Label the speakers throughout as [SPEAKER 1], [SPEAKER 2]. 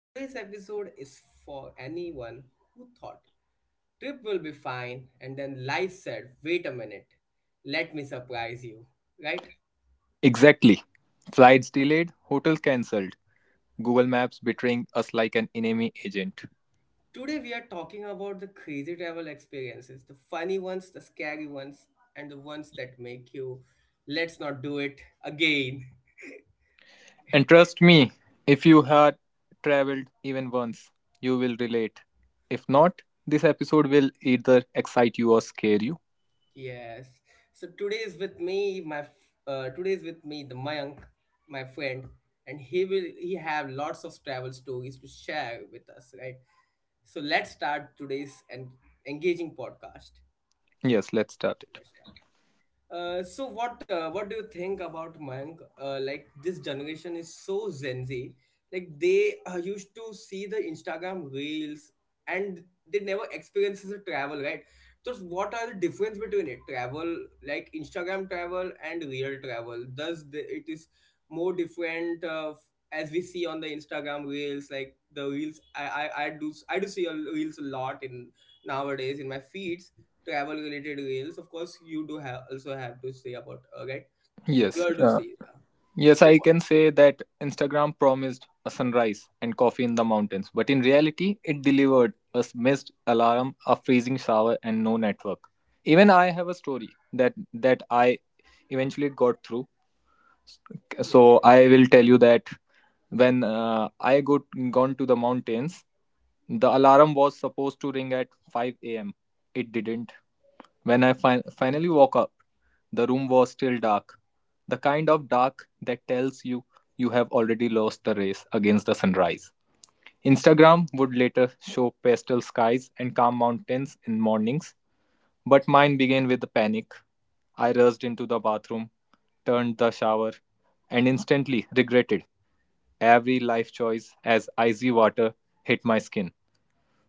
[SPEAKER 1] Today's episode is for anyone who thought trip will be fine and then life said, wait a minute, let me surprise you, right?
[SPEAKER 2] Exactly. Flights delayed, hotel cancelled, Google Maps betraying us like an enemy agent.
[SPEAKER 1] Today we are talking about the crazy travel experiences, the funny ones, the scary ones, and the ones that make you let's not do it again.
[SPEAKER 2] And trust me, if you had traveled even once, you will relate. If not, this episode will either excite you or scare you.
[SPEAKER 1] Yes. So today is with me, today is with me the Mayank, my friend, and he have lots of travel stories to share with us, right? So let's start today's and engaging podcast.
[SPEAKER 2] Yes, let's start it.
[SPEAKER 1] Let's start. So what do you think about Mayank? Like this generation is so Gen Z. Like they used to see the Instagram reels and they never experiences the travel, right? So what are the difference between it? Travel like Instagram travel and real travel. It is more different as we see on the Instagram reels? Like the reels, I do see reels a lot in nowadays in my feeds to travel related reels of course you do have also have to say about right
[SPEAKER 2] Yes,
[SPEAKER 1] your to
[SPEAKER 2] uh,
[SPEAKER 1] see yeah.
[SPEAKER 2] Yes,
[SPEAKER 1] so
[SPEAKER 2] I
[SPEAKER 1] what-
[SPEAKER 2] can say that Instagram promised a sunrise and coffee in the mountains, but in reality, it delivered a missed alarm, a freezing shower, and no network. Even I have a story that I eventually got through. So
[SPEAKER 1] yes.
[SPEAKER 2] I will tell you that when I got gone to the mountains, the alarm was supposed to ring at 5 a.m. It didn't when I finally woke up, the room was still dark, the kind of dark that tells you you have already lost the race against the sunrise. Instagram would later show pastel skies and calm mountains in mornings, but mine began with the panic. I rushed into the bathroom, turned the shower, and instantly regretted every life choice as icy water hit my skin.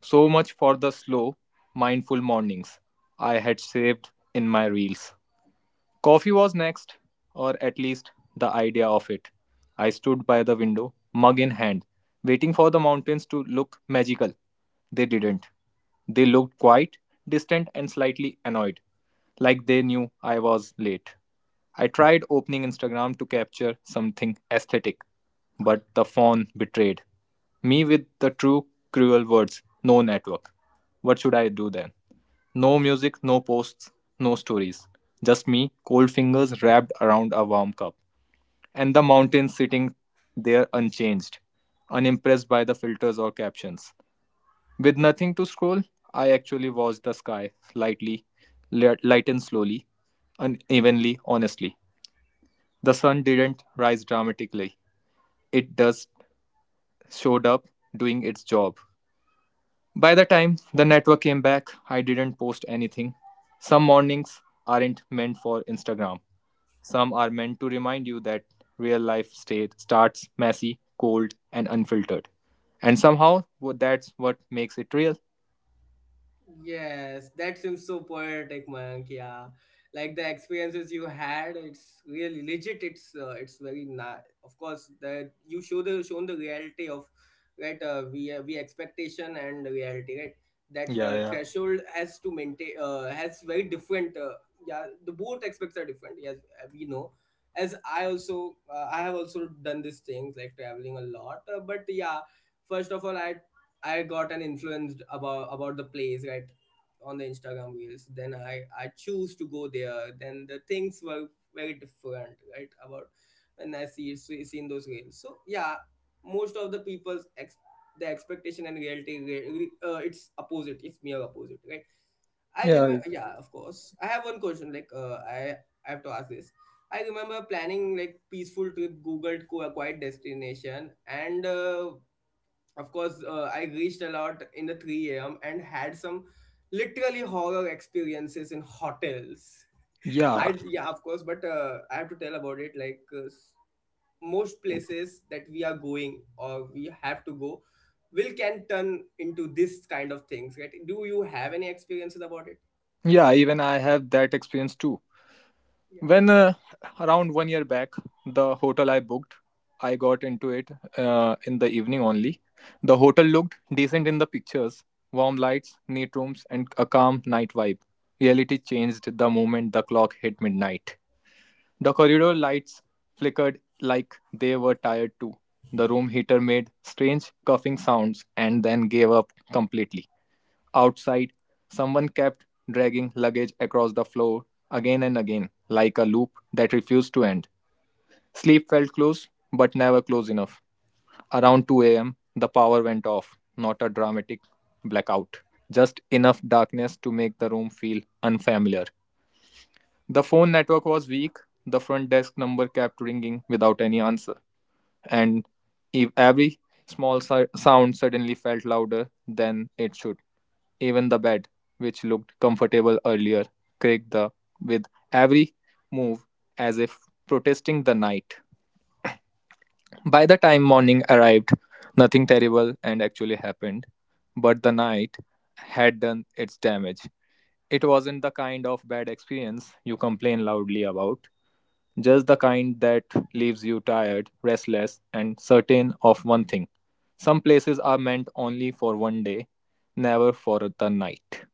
[SPEAKER 2] So much for the slow, mindful mornings I had saved in my reels. Coffee was next, or at least the idea of it. I stood by the window, mug in hand, waiting for the mountains to look magical. They didn't. They looked quiet, distant, and slightly annoyed, like they knew I was late. I tried opening Instagram to capture something aesthetic, but the phone betrayed me with the true cruel words no network. What should I do then? No music, no posts, no stories. Just me, cold fingers wrapped around a warm cup, and the mountains sitting there unchanged, unimpressed by the filters or captions. With nothing to scroll, I actually watched the sky lightly, lighten slowly, unevenly, honestly. The sun didn't rise dramatically. It just showed up doing its job. By the time the network came back, I didn't post anything. Some mornings aren't meant for Instagram. Some are meant to remind you that real life state starts messy, cold, and unfiltered. And somehow that's what makes it real.
[SPEAKER 1] Yes, that seems so poetic, Mayank. Yeah, like the experiences you had, it's really legit. It's very nice. Of course, that you shown the reality of right. We expectation and reality, right? That
[SPEAKER 2] Yeah, yeah.
[SPEAKER 1] threshold has to maintain has very different. Yeah, the both aspects are different. Yes, we know. As I also I have also done these things like traveling a lot, but yeah, first of all I got an influenced about the place right on the Instagram reels. Then I choose to go there. Then the things were very different right about when I seen those reels. So yeah, most of the people's the expectation and reality it's opposite. It's mere opposite right. I
[SPEAKER 2] Yeah.
[SPEAKER 1] remember yeah of course. I have one question like I have to ask this. I remember planning like peaceful trip, googled quiet destination, and of course I reached a lot in the 3 a.m and had some literally horror experiences in hotels I
[SPEAKER 2] Yeah.
[SPEAKER 1] yeah of course but I have to tell about it like most places that we are going or we have to go will can turn into this kind of things right do you have any experiences about it.
[SPEAKER 2] Yeah, even I have that experience too.
[SPEAKER 1] Yeah.
[SPEAKER 2] When around 1 year back, the hotel I booked, I got into it in the evening only. The hotel looked decent in the pictures warm lights, neat rooms, and a calm night vibe. Reality changed the moment the clock hit midnight. The corridor lights flickered like they were tired too. The room heater made strange coughing sounds and then gave up completely. Outside, someone kept dragging luggage across the floor again and again, like a loop that refused to end. Sleep felt close, but never close enough. Around 2 a.m., the power went off, not a dramatic blackout, just enough darkness to make the room feel unfamiliar. The phone network was weak, the front desk number kept ringing without any answer and every small sound suddenly felt louder than it should. Even the bed, which looked comfortable earlier, creaked with every move as if protesting the night. By the time morning arrived, nothing terrible and actually happened, but the night had done its damage. It wasn't the kind of bad experience you complain loudly about. Just the kind that leaves you tired, restless, and certain of one thing. Some places are meant only for one day, never for the night.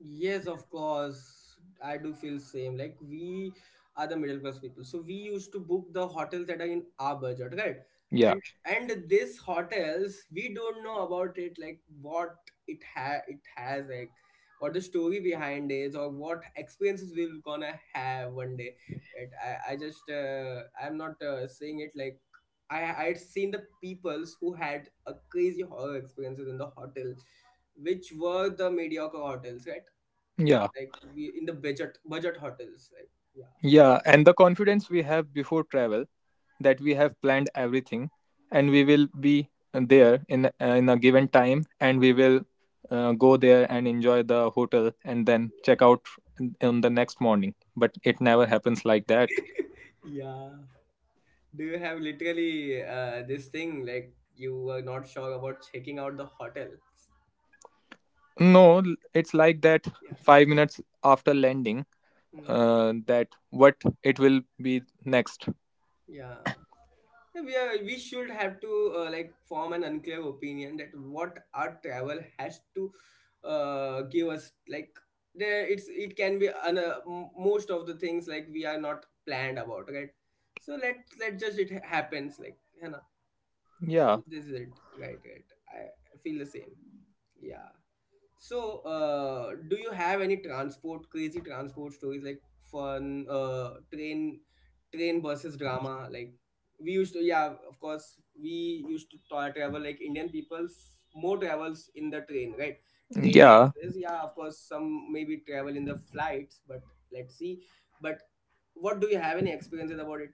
[SPEAKER 1] Yes, of course. I do feel same. Like we are the middle class people, so we used to book the hotels that are in our budget, right?
[SPEAKER 2] Yeah,
[SPEAKER 1] And these hotels, we don't know about it, like what it has, like what the story behind is, or what experiences we're gonna have one day. It, I just I'm not saying it like. I would seen the peoples who had a crazy horror experiences in the hotel, which were the mediocre hotels, right?
[SPEAKER 2] yeah,
[SPEAKER 1] Like we in the budget hotels like yeah.
[SPEAKER 2] yeah. And the confidence we have before travel that we have planned everything and we will be there in a given time and we will go there and enjoy the hotel and then check out on the next morning. But it never happens like that.
[SPEAKER 1] Yeah. Do you have literally this thing like you were not sure about checking out the hotels
[SPEAKER 2] No, it's like that
[SPEAKER 1] yeah.
[SPEAKER 2] 5 minutes after landing,
[SPEAKER 1] Mm,
[SPEAKER 2] that what it will be next.
[SPEAKER 1] yeah. Yeah, we are, we should have to like form an unclear opinion that what our travel has to give us like there it's it can be most of the things like we are not planned about right so let just it happens like. So
[SPEAKER 2] Yeah,
[SPEAKER 1] this is it right. I feel the same yeah so do you have any transport crazy transport stories like fun uh train train versus drama like we used to yeah of course we used to travel like indian people's more travels in the train right train
[SPEAKER 2] yeah,
[SPEAKER 1] buses yeah of course some maybe travel in the flights but let's see but what do you have any experiences about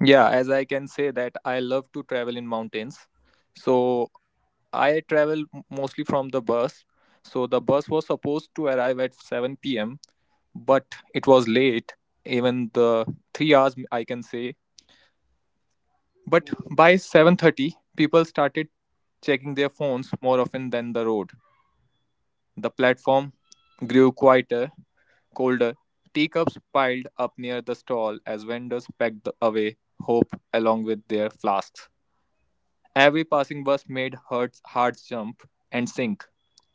[SPEAKER 2] yeah. As I can say that I love to travel in mountains. So I travel mostly from the bus. So the bus was supposed to arrive at 7 p.m., but it was late, even the 3 hours I can say. But
[SPEAKER 1] it.
[SPEAKER 2] by 7:30, people started checking their phones more often than the road. The platform grew quieter colder, teacups piled up near the stall as vendors packed the- away hope along with their flasks. Every passing bus made hearts jump and sink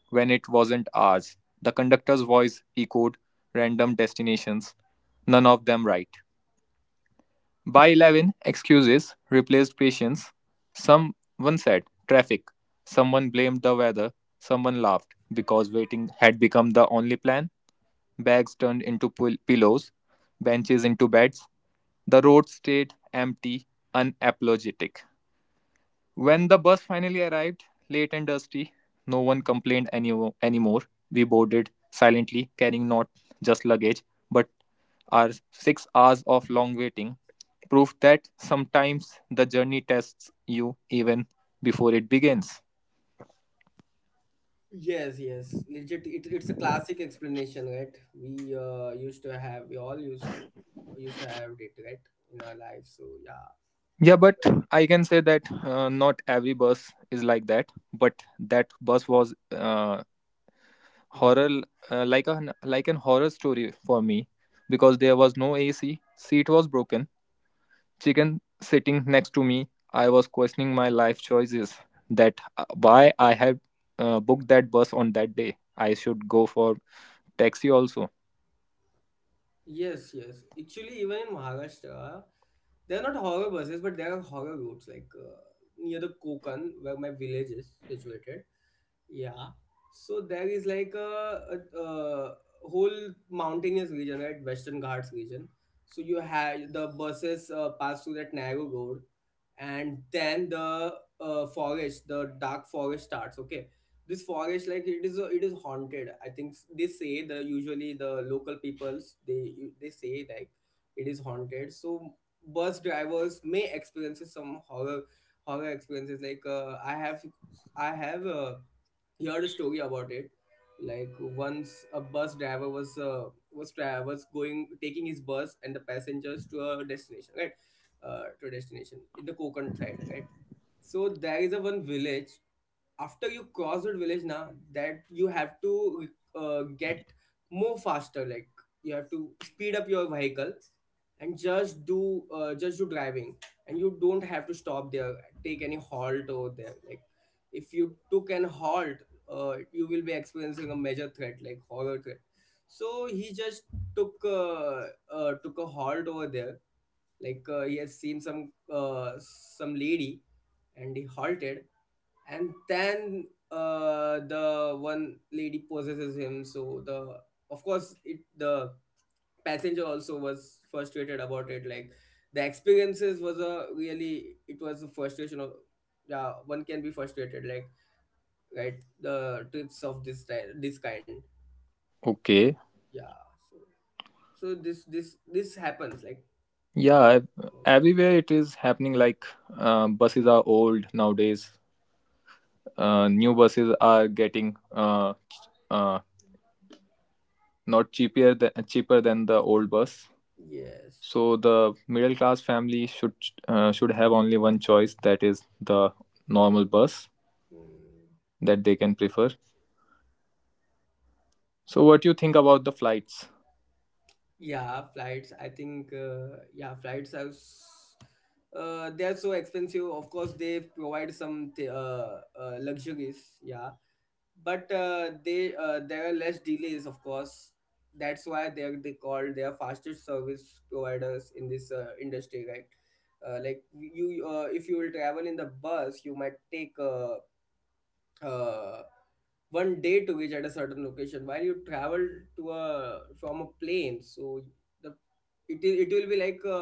[SPEAKER 2] when it wasn't ours. The conductor's voice echoed random destinations, none of them right. By 11, excuses replaced patience. Someone said traffic, someone blamed the weather, someone laughed because waiting had become the only plan bags turned into pillows, benches into beds. The road stayed empty, unapologetic. When the bus finally arrived, late and dusty, no one complained anymore. We boarded silently, carrying not just luggage, but our 6 hours of long waiting proved that sometimes the journey tests you even before it begins.
[SPEAKER 1] Yes, yes, legit. It's a classic explanation, right? We used to have, we all used to have it, right, in our life. So yeah,
[SPEAKER 2] Yeah, but
[SPEAKER 1] absolutely.
[SPEAKER 2] I can say that not every bus is like that, but that bus was
[SPEAKER 1] Mhm.
[SPEAKER 2] horror uh, like a like an horror story for me because there was no AC, seat was broken, chicken sitting next to me. I was questioning my life choices that why I had booked that bus on that day. I should go for taxi also.
[SPEAKER 1] Yes, yes. Actually, even in Maharashtra, there are not horror buses, but there are horror routes, like near the Konkan, where my village is situated. Yeah. So there is like a whole mountainous region, right? Western Ghats region. So you have the buses pass through that narrow road, and then the dark forest starts. Okay, this forest like it is haunted. I think they say the usually the local peoples they say like it is haunted. So bus drivers may experiences some horror experiences. Like I have. Heard a story about it. Like once a bus driver was going taking his bus and the passengers to a destination, right? To a destination in the Konkan side, right? So there is a one village after you cross that village now that you have to get more faster like you have to speed up your vehicle and just do driving and you don't have to stop there take any halt over there like if you took an halt you will be experiencing a major threat like horror threat so he just took uh, took a halt over there like he has seen some lady and he halted and then the one lady possesses him so the of course it the passenger also was frustrated about it like the experiences was a really it was a frustration of yeah one can be frustrated like right the trips of this this kind
[SPEAKER 2] Okay.
[SPEAKER 1] yeah so so this happens like
[SPEAKER 2] Yeah,
[SPEAKER 1] most of it.
[SPEAKER 2] everywhere it is happening like buses are old nowadays. New buses are getting uh, not cheaper than the old bus.
[SPEAKER 1] Yes.
[SPEAKER 2] So the middle class family should have only one choice, that is the normal bus
[SPEAKER 1] Hmm.
[SPEAKER 2] that they can prefer. So what do you think about the flights?
[SPEAKER 1] Yeah, flights. I think yeah, flights are they are so expensive. Of course, they provide some luxuries. Yeah, but they there are less delays. Of course, that's why they called their fastest service providers in this industry, right? Like you, if you will travel in the bus, you might take uh, one day to reach at a certain location while you travel to a from a plane so the it will be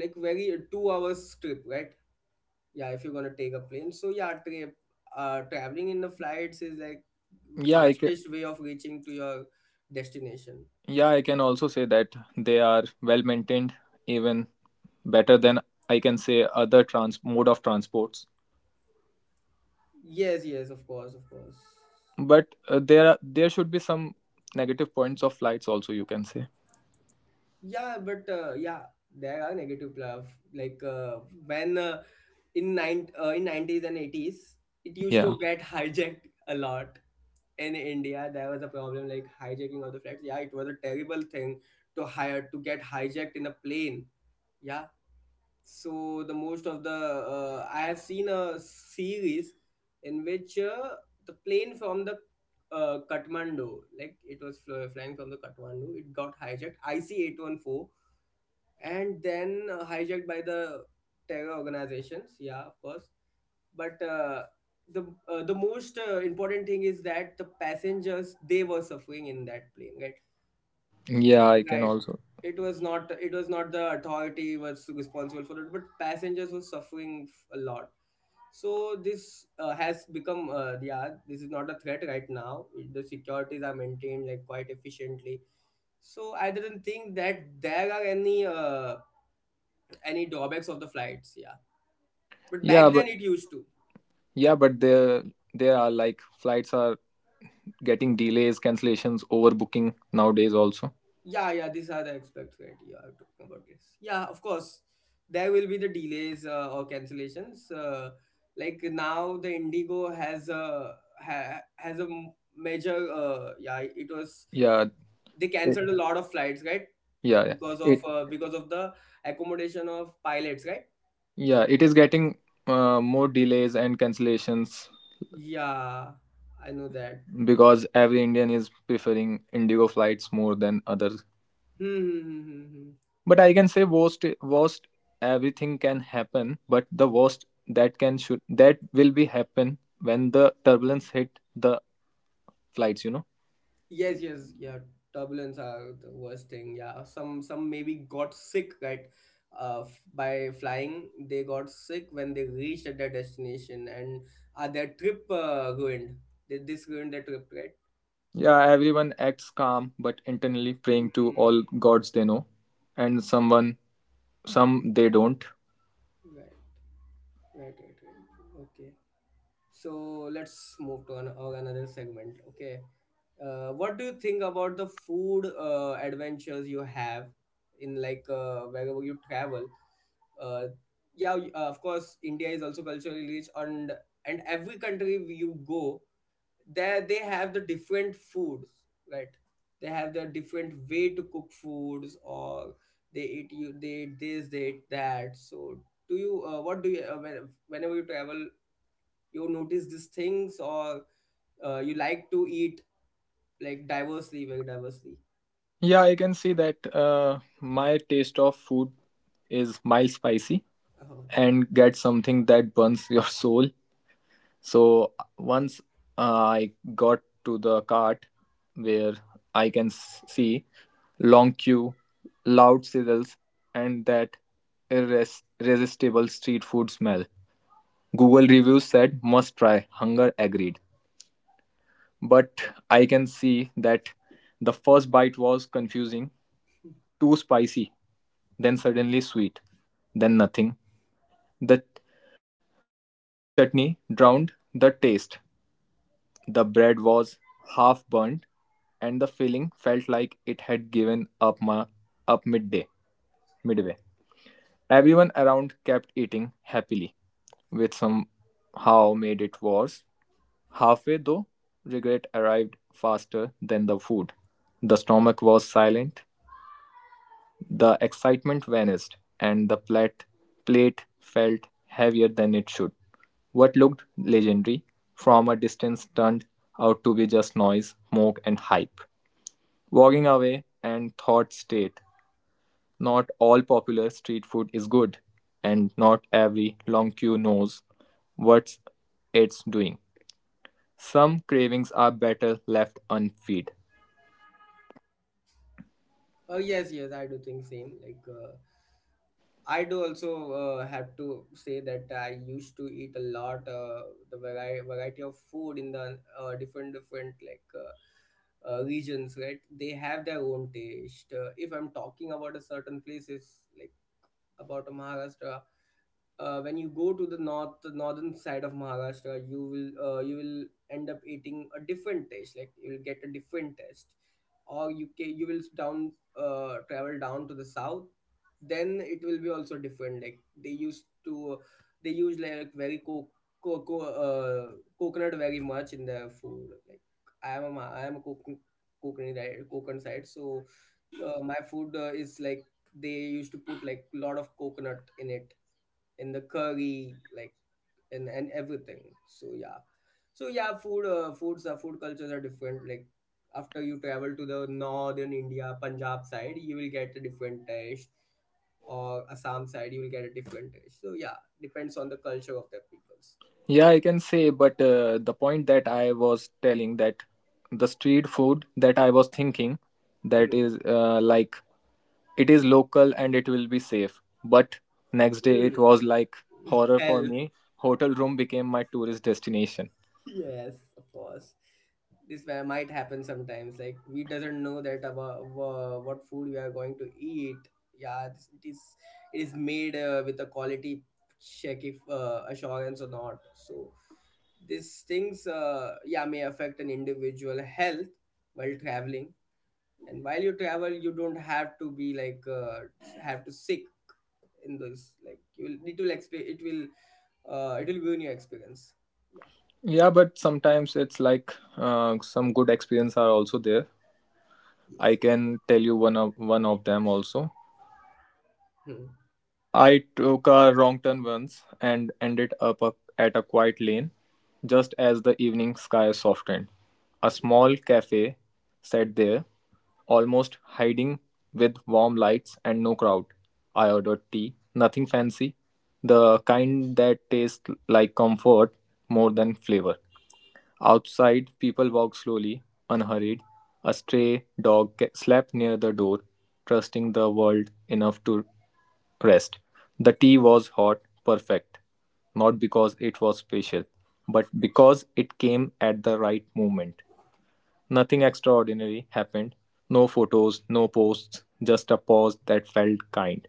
[SPEAKER 1] like very a 2 hours trip right yeah if you're gonna take a plane so yeah trip traveling in the flights is like
[SPEAKER 2] Yeah, I can,
[SPEAKER 1] fastest way of reaching to your destination
[SPEAKER 2] yeah, I can also say that they are well maintained, even better than I can say other trans mode of transports.
[SPEAKER 1] yes yes of course.
[SPEAKER 2] But there are, there should be some negative points of flights also you can say.
[SPEAKER 1] Yeah but yeah there are negative plaf like when in 90s and 80s it used
[SPEAKER 2] Yeah.
[SPEAKER 1] to get hijacked a lot in India, there was a problem like hijacking of the flights. Yeah, it was a terrible thing to get hijacked in a plane. Yeah. So the most of the I have seen a series in which the plane from the Kathmandu, like it was flying from the Kathmandu, it got hijacked. IC 814, and then hijacked by the terror organizations. Yeah, of course but the the most important thing is that the passengers they were suffering in that plane right
[SPEAKER 2] Yeah, I can
[SPEAKER 1] right
[SPEAKER 2] also.
[SPEAKER 1] it was not the authority was responsible for it but passengers were suffering a lot so this has become yeah this is not a threat right now the securities are maintained like quite efficiently so I didn't think that there are any drawbacks of the flights yeah but
[SPEAKER 2] Yeah,
[SPEAKER 1] back then
[SPEAKER 2] but
[SPEAKER 1] it used to.
[SPEAKER 2] yeah, but there are like flights are getting delays, cancellations, overbooking nowadays also.
[SPEAKER 1] Yeah, yeah, these are the expects, right? You are talking about this. Yeah, of course, there will be the delays or cancellations. Like now, the Indigo has a major. Yeah, it was
[SPEAKER 2] Yeah,
[SPEAKER 1] they
[SPEAKER 2] it,
[SPEAKER 1] cancelled a lot of flights, right?
[SPEAKER 2] yeah, yeah.
[SPEAKER 1] Because of
[SPEAKER 2] It
[SPEAKER 1] uh, because of the accommodation of pilots, right?
[SPEAKER 2] yeah, it is getting more delays and cancellations
[SPEAKER 1] Yeah, I know that.
[SPEAKER 2] because every Indian is preferring Indigo flights more than others.
[SPEAKER 1] Hmm. Hmm, hmm, hmm, hmm. Hmm.
[SPEAKER 2] But I can say worst everything can happen, but the worst that can should that will be happen when the turbulence hit the flights, you know.
[SPEAKER 1] Yes, yes, yeah. Turbulence are the worst thing. Yeah, some maybe got sick right, by flying. They got sick when they reached at their destination, and their trip ruined. This ruined their trip, right?
[SPEAKER 2] Yeah, everyone acts calm but internally praying to
[SPEAKER 1] Mm,
[SPEAKER 2] all gods they know and someone some they don't.
[SPEAKER 1] right, right, right, right. Okay. So let's move to our another segment. Okay. What do you think about the food adventures you have in like wherever you travel? uh, yeah of course india is also culturally rich and every country you go there they have the different foods right they have their different way to cook foods or they eat this they eat that so do you what do you whenever you travel you notice these things or you like to eat like diversely very diversely
[SPEAKER 2] Yeah, I can see that my taste of food is mild spicy
[SPEAKER 1] oh.
[SPEAKER 2] and get something that burns your soul. So once I got to the cart where I can see long queue, loud sizzles, and that irresistible street food smell. Google reviews said must try, hunger agreed. But I can see that the first bite was confusing, too spicy, then suddenly sweet, then nothing. The, the chutney drowned the taste. The bread was half burnt, and the feeling felt like it had given up, up midday, midway. Everyone around kept eating happily, which somehow made it worse. Halfway, though, regret arrived faster than the food. The stomach was silent. The excitement vanished, and the plate felt heavier than it should. What looked legendary from a distance turned out to be just noise, smoke, and hype. Walking away and thought state. Not all popular street food is good, and not every long queue knows what it's doing. Some cravings are better left unfed.
[SPEAKER 1] Oh yes, yes, I do think same I do also have to say that I used to eat a lot the variety of food in the different regions, right? They have their own taste. If I'm talking about a certain places like about Maharashtra, when you go to the northern side of Maharashtra, you will end up eating a different taste. Like you'll get a different taste, or you will down travel down to the south, then it will be also different. Like they use like very co- co- uh, coconut very much in their food. Like I am a coconut coconut side, so my food is like they used to put like lot of coconut in it in the curry like and everything. So yeah, so yeah, food cultures are different, like after you travel to the northern India Punjab side, you will get a different taste, or Assam side you will get a different taste. So yeah, depends on the culture of the peoples.
[SPEAKER 2] Yeah, I can say, but the point that I was telling that the street food that I was thinking that
[SPEAKER 1] Hmm.
[SPEAKER 2] is like it is local and it will be safe. But next day it
[SPEAKER 1] Hmm.
[SPEAKER 2] was like horror for
[SPEAKER 1] Hell,
[SPEAKER 2] me. Hotel room became my tourist destination.
[SPEAKER 1] yes, of course. Might happen sometimes. Like we doesn't know that about what food we are going to eat. Yeah, it is, it is made with a quality check if assurance or not. So these things, yeah, may affect an individual health while traveling. And while you travel, you don't have to be have to sick in this. Like you will it will it will ruin your experience. Yeah.
[SPEAKER 2] Yeah, but sometimes it's like some good experience are also there. I
[SPEAKER 1] Yes.
[SPEAKER 2] can tell you one of them also.
[SPEAKER 1] Hmm.
[SPEAKER 2] I took a wrong turn once and ended up at a quiet lane just as the evening sky softened. A small cafe sat there, almost hiding with warm lights and no crowd. I ordered tea, nothing fancy, the kind that tastes like comfort more than flavor. Outside, people walked slowly, unhurried. A stray dog slept near the door, trusting the world enough to rest. The tea was hot, perfect, not because it was special, but because it came at the right moment. Nothing extraordinary happened. No photos, no posts, just a pause that felt kind.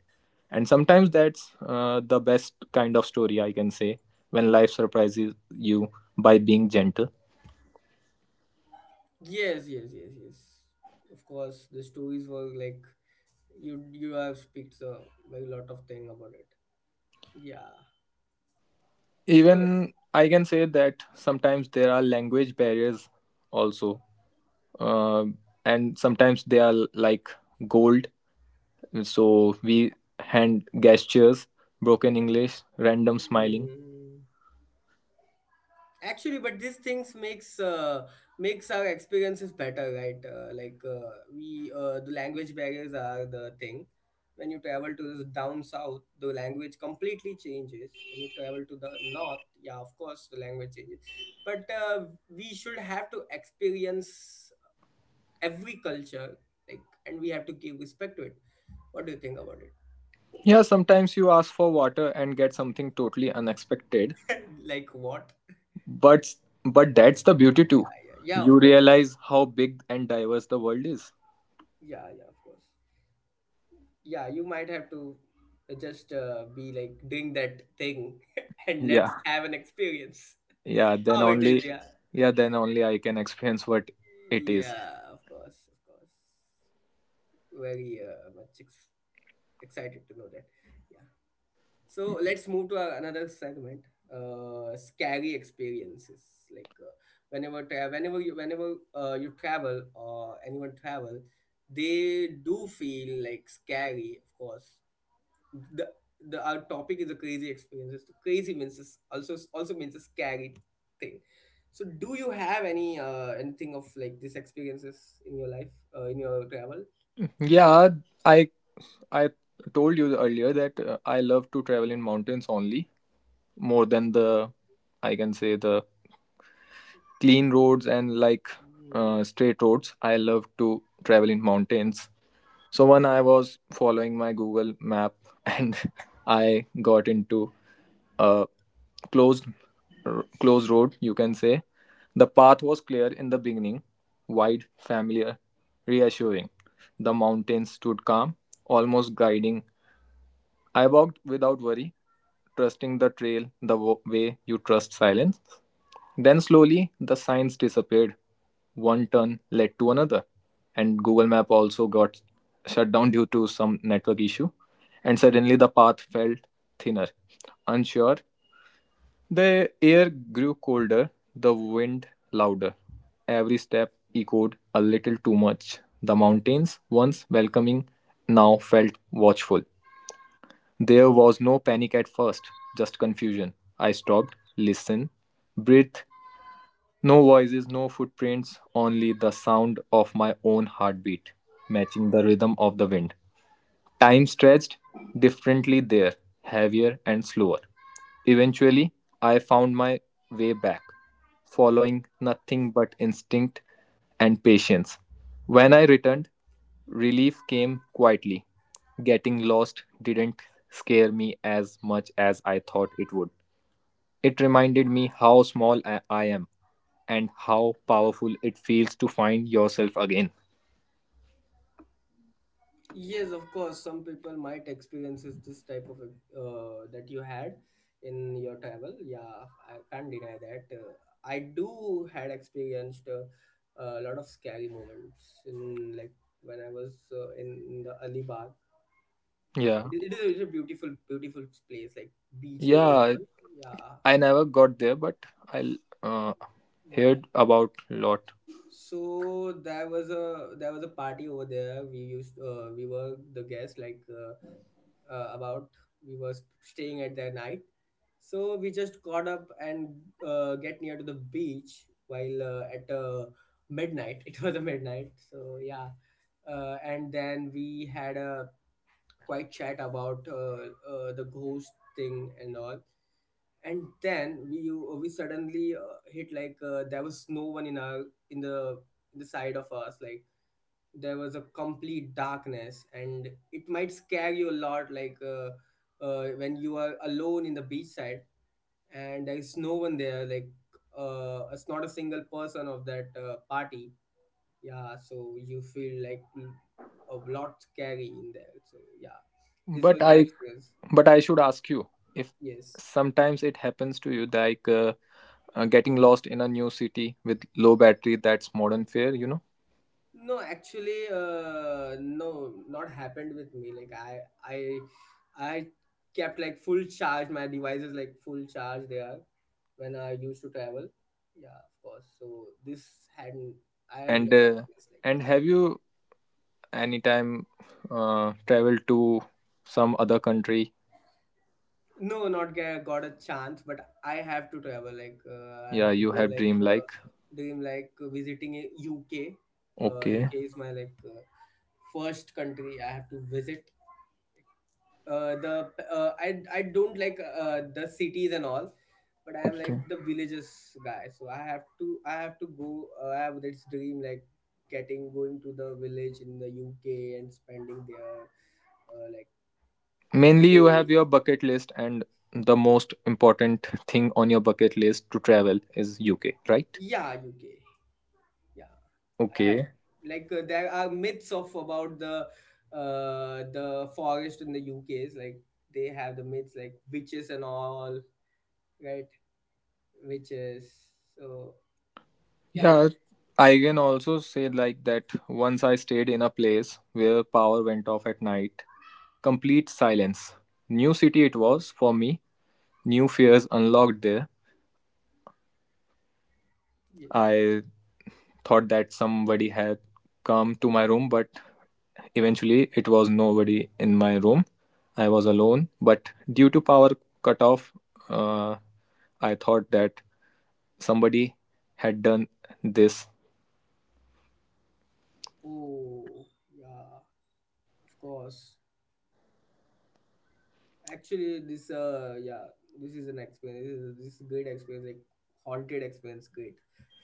[SPEAKER 2] And sometimes that's the best kind of story I can say when life surprises you by being gentle.
[SPEAKER 1] Yes, yes, yes, yes. Of course, the stories were like you have speaks so a lot of thing about it. Yeah. So
[SPEAKER 2] Even I can say that sometimes there are language barriers also. Um and sometimes they are like gold. So we hand gestures, broken English, random smiling.
[SPEAKER 1] mm, actually, but these things makes our experiences better, right? Like we The language barriers are the thing. When you travel to the down south, the language completely changes. When you travel to the north, yeah, of course, the language changes. But we should have to experience every culture, like, and we have to give respect to it. What do you think about
[SPEAKER 2] Yeah, sometimes you ask for water and get something totally unexpected,
[SPEAKER 1] it? Like what?
[SPEAKER 2] but that's the beauty too.
[SPEAKER 1] Yeah, yeah,
[SPEAKER 2] You
[SPEAKER 1] of course.
[SPEAKER 2] realize how big and diverse the world is.
[SPEAKER 1] Yeah, yeah, of course. Yeah, you might have to just be like doing that thing and
[SPEAKER 2] Yeah,
[SPEAKER 1] let's have an experience
[SPEAKER 2] yeah. Then
[SPEAKER 1] how it is.
[SPEAKER 2] only,
[SPEAKER 1] Yeah,
[SPEAKER 2] yeah, then only I can experience what it is.
[SPEAKER 1] yeah, of course, of course. Very excited to know that. Yeah. So let's move to our another segment. Scary experiences. Like uh, whenever you travel or anyone travel, they do feel like scary. Of course, the the our topic is the crazy experiences. So crazy means is also, also means a scary thing. So do you have any anything of like these experiences in your life in your travel?
[SPEAKER 2] Yeah, I I told you earlier that I love to travel in mountains only more than the I can say the clean roads and like straight roads. I love to travel in mountains. So when I was following my Google map and I got into uh, closed closed road you can say. The path was clear in the beginning, wide, familiar, reassuring. The mountains stood calm, almost guiding. I walked without worry, trusting the trail, the way you trust silence. Then slowly the signs disappeared, one turn led to another, and Google map also got shut down due to some network issue, and suddenly the path felt thinner, unsure. The air grew colder, the wind louder. Every step echoed a little too much. The mountains, once welcoming, now felt watchful. There was no panic at first, just confusion. I stopped, listened, breathed. No voices, no footprints, only the sound of my own heartbeat, matching the rhythm of the wind. Time stretched differently there, heavier and slower. Eventually, I found my way back, following nothing but instinct and patience. When I returned, relief came quietly. Getting lost didn't scare me as much as I thought it would. It reminded me how small I am and how powerful it feels to find yourself again.
[SPEAKER 1] Yes, of course. Some people might experiences this type of that you had in your travel. Yeah, I can't deny that. I do had experienced a lot of scary moments in like when I was in the Alibag.
[SPEAKER 2] Yeah,
[SPEAKER 1] It is a, it's a beautiful, beautiful place, like beaches and
[SPEAKER 2] yeah.
[SPEAKER 1] all. Yeah,
[SPEAKER 2] I never got there, but I
[SPEAKER 1] yeah.
[SPEAKER 2] heard about lot.
[SPEAKER 1] So there was a party over there. We were the guests like about we were staying at their night. So we just got up and get near to the beach while at midnight. It was a midnight. So yeah, and then we had a quite chat about the ghost thing and all. And then we suddenly hit like there was no one in our in the in the side of us. Like there was a complete darkness, and it might scare you a lot. Like. When you are alone in the beachside and there is no one there, like it's not a single person of that party. Yeah, so you feel like a lot scary in there, so yeah, this
[SPEAKER 2] But
[SPEAKER 1] was my
[SPEAKER 2] I
[SPEAKER 1] experience.
[SPEAKER 2] but I should ask you if
[SPEAKER 1] Yes.
[SPEAKER 2] sometimes it happens to you like getting lost in a new city with low battery that's modern fare, you know.
[SPEAKER 1] No, actually, no, not happened with me, like i i i kept like full charge my devices, like full charge they are when I used to travel. Yeah, of course, so this hadn't, I had
[SPEAKER 2] And
[SPEAKER 1] never
[SPEAKER 2] uh,
[SPEAKER 1] experienced like
[SPEAKER 2] and
[SPEAKER 1] this.
[SPEAKER 2] have you anytime traveled to some other country?
[SPEAKER 1] No, not get, got a chance, but I have to travel. I
[SPEAKER 2] Yeah,
[SPEAKER 1] have to
[SPEAKER 2] you
[SPEAKER 1] go.
[SPEAKER 2] have dream like.
[SPEAKER 1] Dream, like visiting a UK.
[SPEAKER 2] Okay.
[SPEAKER 1] UK is my first country I have to visit. The I don't like the cities and all, but I am
[SPEAKER 2] Okay.
[SPEAKER 1] like the villages guy. So I have to go. I have this dream like getting going to the village in the UK and spending there like
[SPEAKER 2] Mainly you
[SPEAKER 1] days.
[SPEAKER 2] have your bucket list and the most important thing on your bucket list to travel is UK, right?
[SPEAKER 1] Yeah, UK. Yeah. I have.
[SPEAKER 2] Okay.
[SPEAKER 1] There are myths of about the forest in the UK is like they have the myths like witches and all, right? Witches. So yeah, it,
[SPEAKER 2] Yeah, I can also say like that once I stayed in a place where power went off at night. Complete silence. New city it was for me. New fears unlocked there.
[SPEAKER 1] yeah.
[SPEAKER 2] I thought that somebody had come to my room, but eventually it was nobody in my room. I was alone, but due to power cut off, uh, I thought that somebody had done this.
[SPEAKER 1] Oh yeah, of course. Actually, this yeah, this is an experience. This is a great experience, like haunted experience. Great.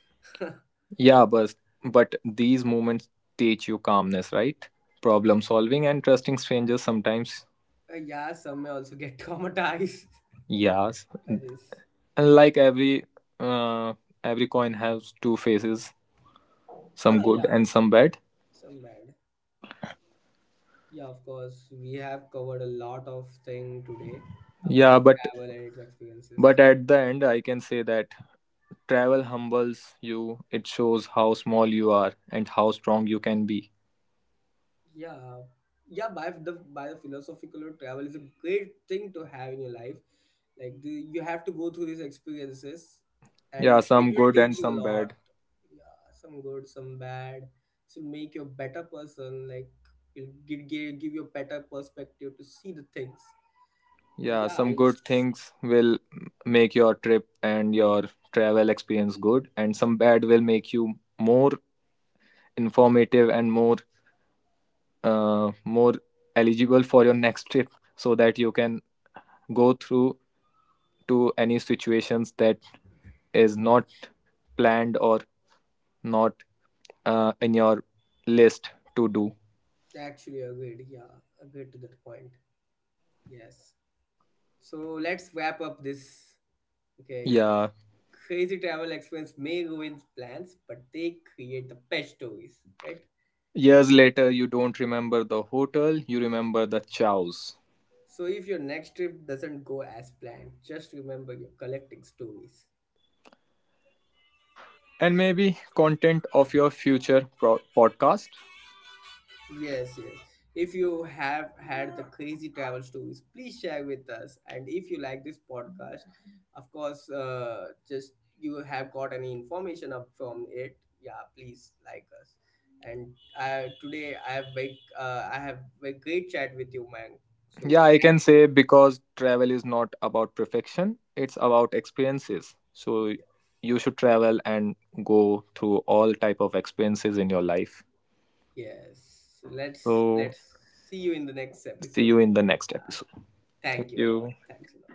[SPEAKER 1] uh,
[SPEAKER 2] Yeah, but these moments teach you calmness, right? Problem solving and trusting strangers sometimes.
[SPEAKER 1] yeah, some may also get traumatized
[SPEAKER 2] Yes,
[SPEAKER 1] by this.
[SPEAKER 2] and like uh, every coin has two faces, some
[SPEAKER 1] Huh?
[SPEAKER 2] good
[SPEAKER 1] Yeah,
[SPEAKER 2] and some bad.
[SPEAKER 1] some bad. Yeah, of course. We have covered a lot of thing today about
[SPEAKER 2] Yeah, but
[SPEAKER 1] travel and its experiences.
[SPEAKER 2] at the end, I can say that travel humbles you. It shows how small you are and how strong you can be.
[SPEAKER 1] Yeah, yeah. By, the philosophical travel is a great thing to have in your life. Like you have to go through these experiences,
[SPEAKER 2] Yeah,
[SPEAKER 1] and it
[SPEAKER 2] some
[SPEAKER 1] will
[SPEAKER 2] good and
[SPEAKER 1] teach you a
[SPEAKER 2] some
[SPEAKER 1] lot.
[SPEAKER 2] bad.
[SPEAKER 1] Yeah, some good, some bad. It will make you a better person. Like it'll give you a better perspective to see the things.
[SPEAKER 2] Yeah,
[SPEAKER 1] Yeah,
[SPEAKER 2] some
[SPEAKER 1] I
[SPEAKER 2] good things will make your trip and your travel experience good, and some bad will make you more informative and more more eligible for your next trip so that you can go through to any situations that is not planned or not in your list to do.
[SPEAKER 1] actually agreed. Yeah, agreed to that point. Yes. So let's wrap up this. Okay.
[SPEAKER 2] Yeah.
[SPEAKER 1] Crazy travel experience may ruin plans, but they create the best stories, right?
[SPEAKER 2] Years later, you don't remember the hotel, you remember the chows.
[SPEAKER 1] So if your next trip doesn't go as planned, just remember you're collecting stories.
[SPEAKER 2] And maybe content of your future podcast.
[SPEAKER 1] Yes, yes. If you have had the crazy travel stories, please share with us. And if you like this podcast, of course, just you have got any information up from it, yeah, please like us. And today I have I have a great chat with you, man.
[SPEAKER 2] Yeah,
[SPEAKER 1] So
[SPEAKER 2] I can
[SPEAKER 1] thank you.
[SPEAKER 2] say because travel is not about perfection, it's about experiences. So
[SPEAKER 1] Yeah.
[SPEAKER 2] you should travel and go through all type of experiences in your life.
[SPEAKER 1] Yes. So
[SPEAKER 2] So
[SPEAKER 1] let's see you in the next
[SPEAKER 2] see
[SPEAKER 1] episode.
[SPEAKER 2] you in the next
[SPEAKER 1] Uh,
[SPEAKER 2] episode. Thank
[SPEAKER 1] thank you a lot.
[SPEAKER 2] you.
[SPEAKER 1] Thanks a lot.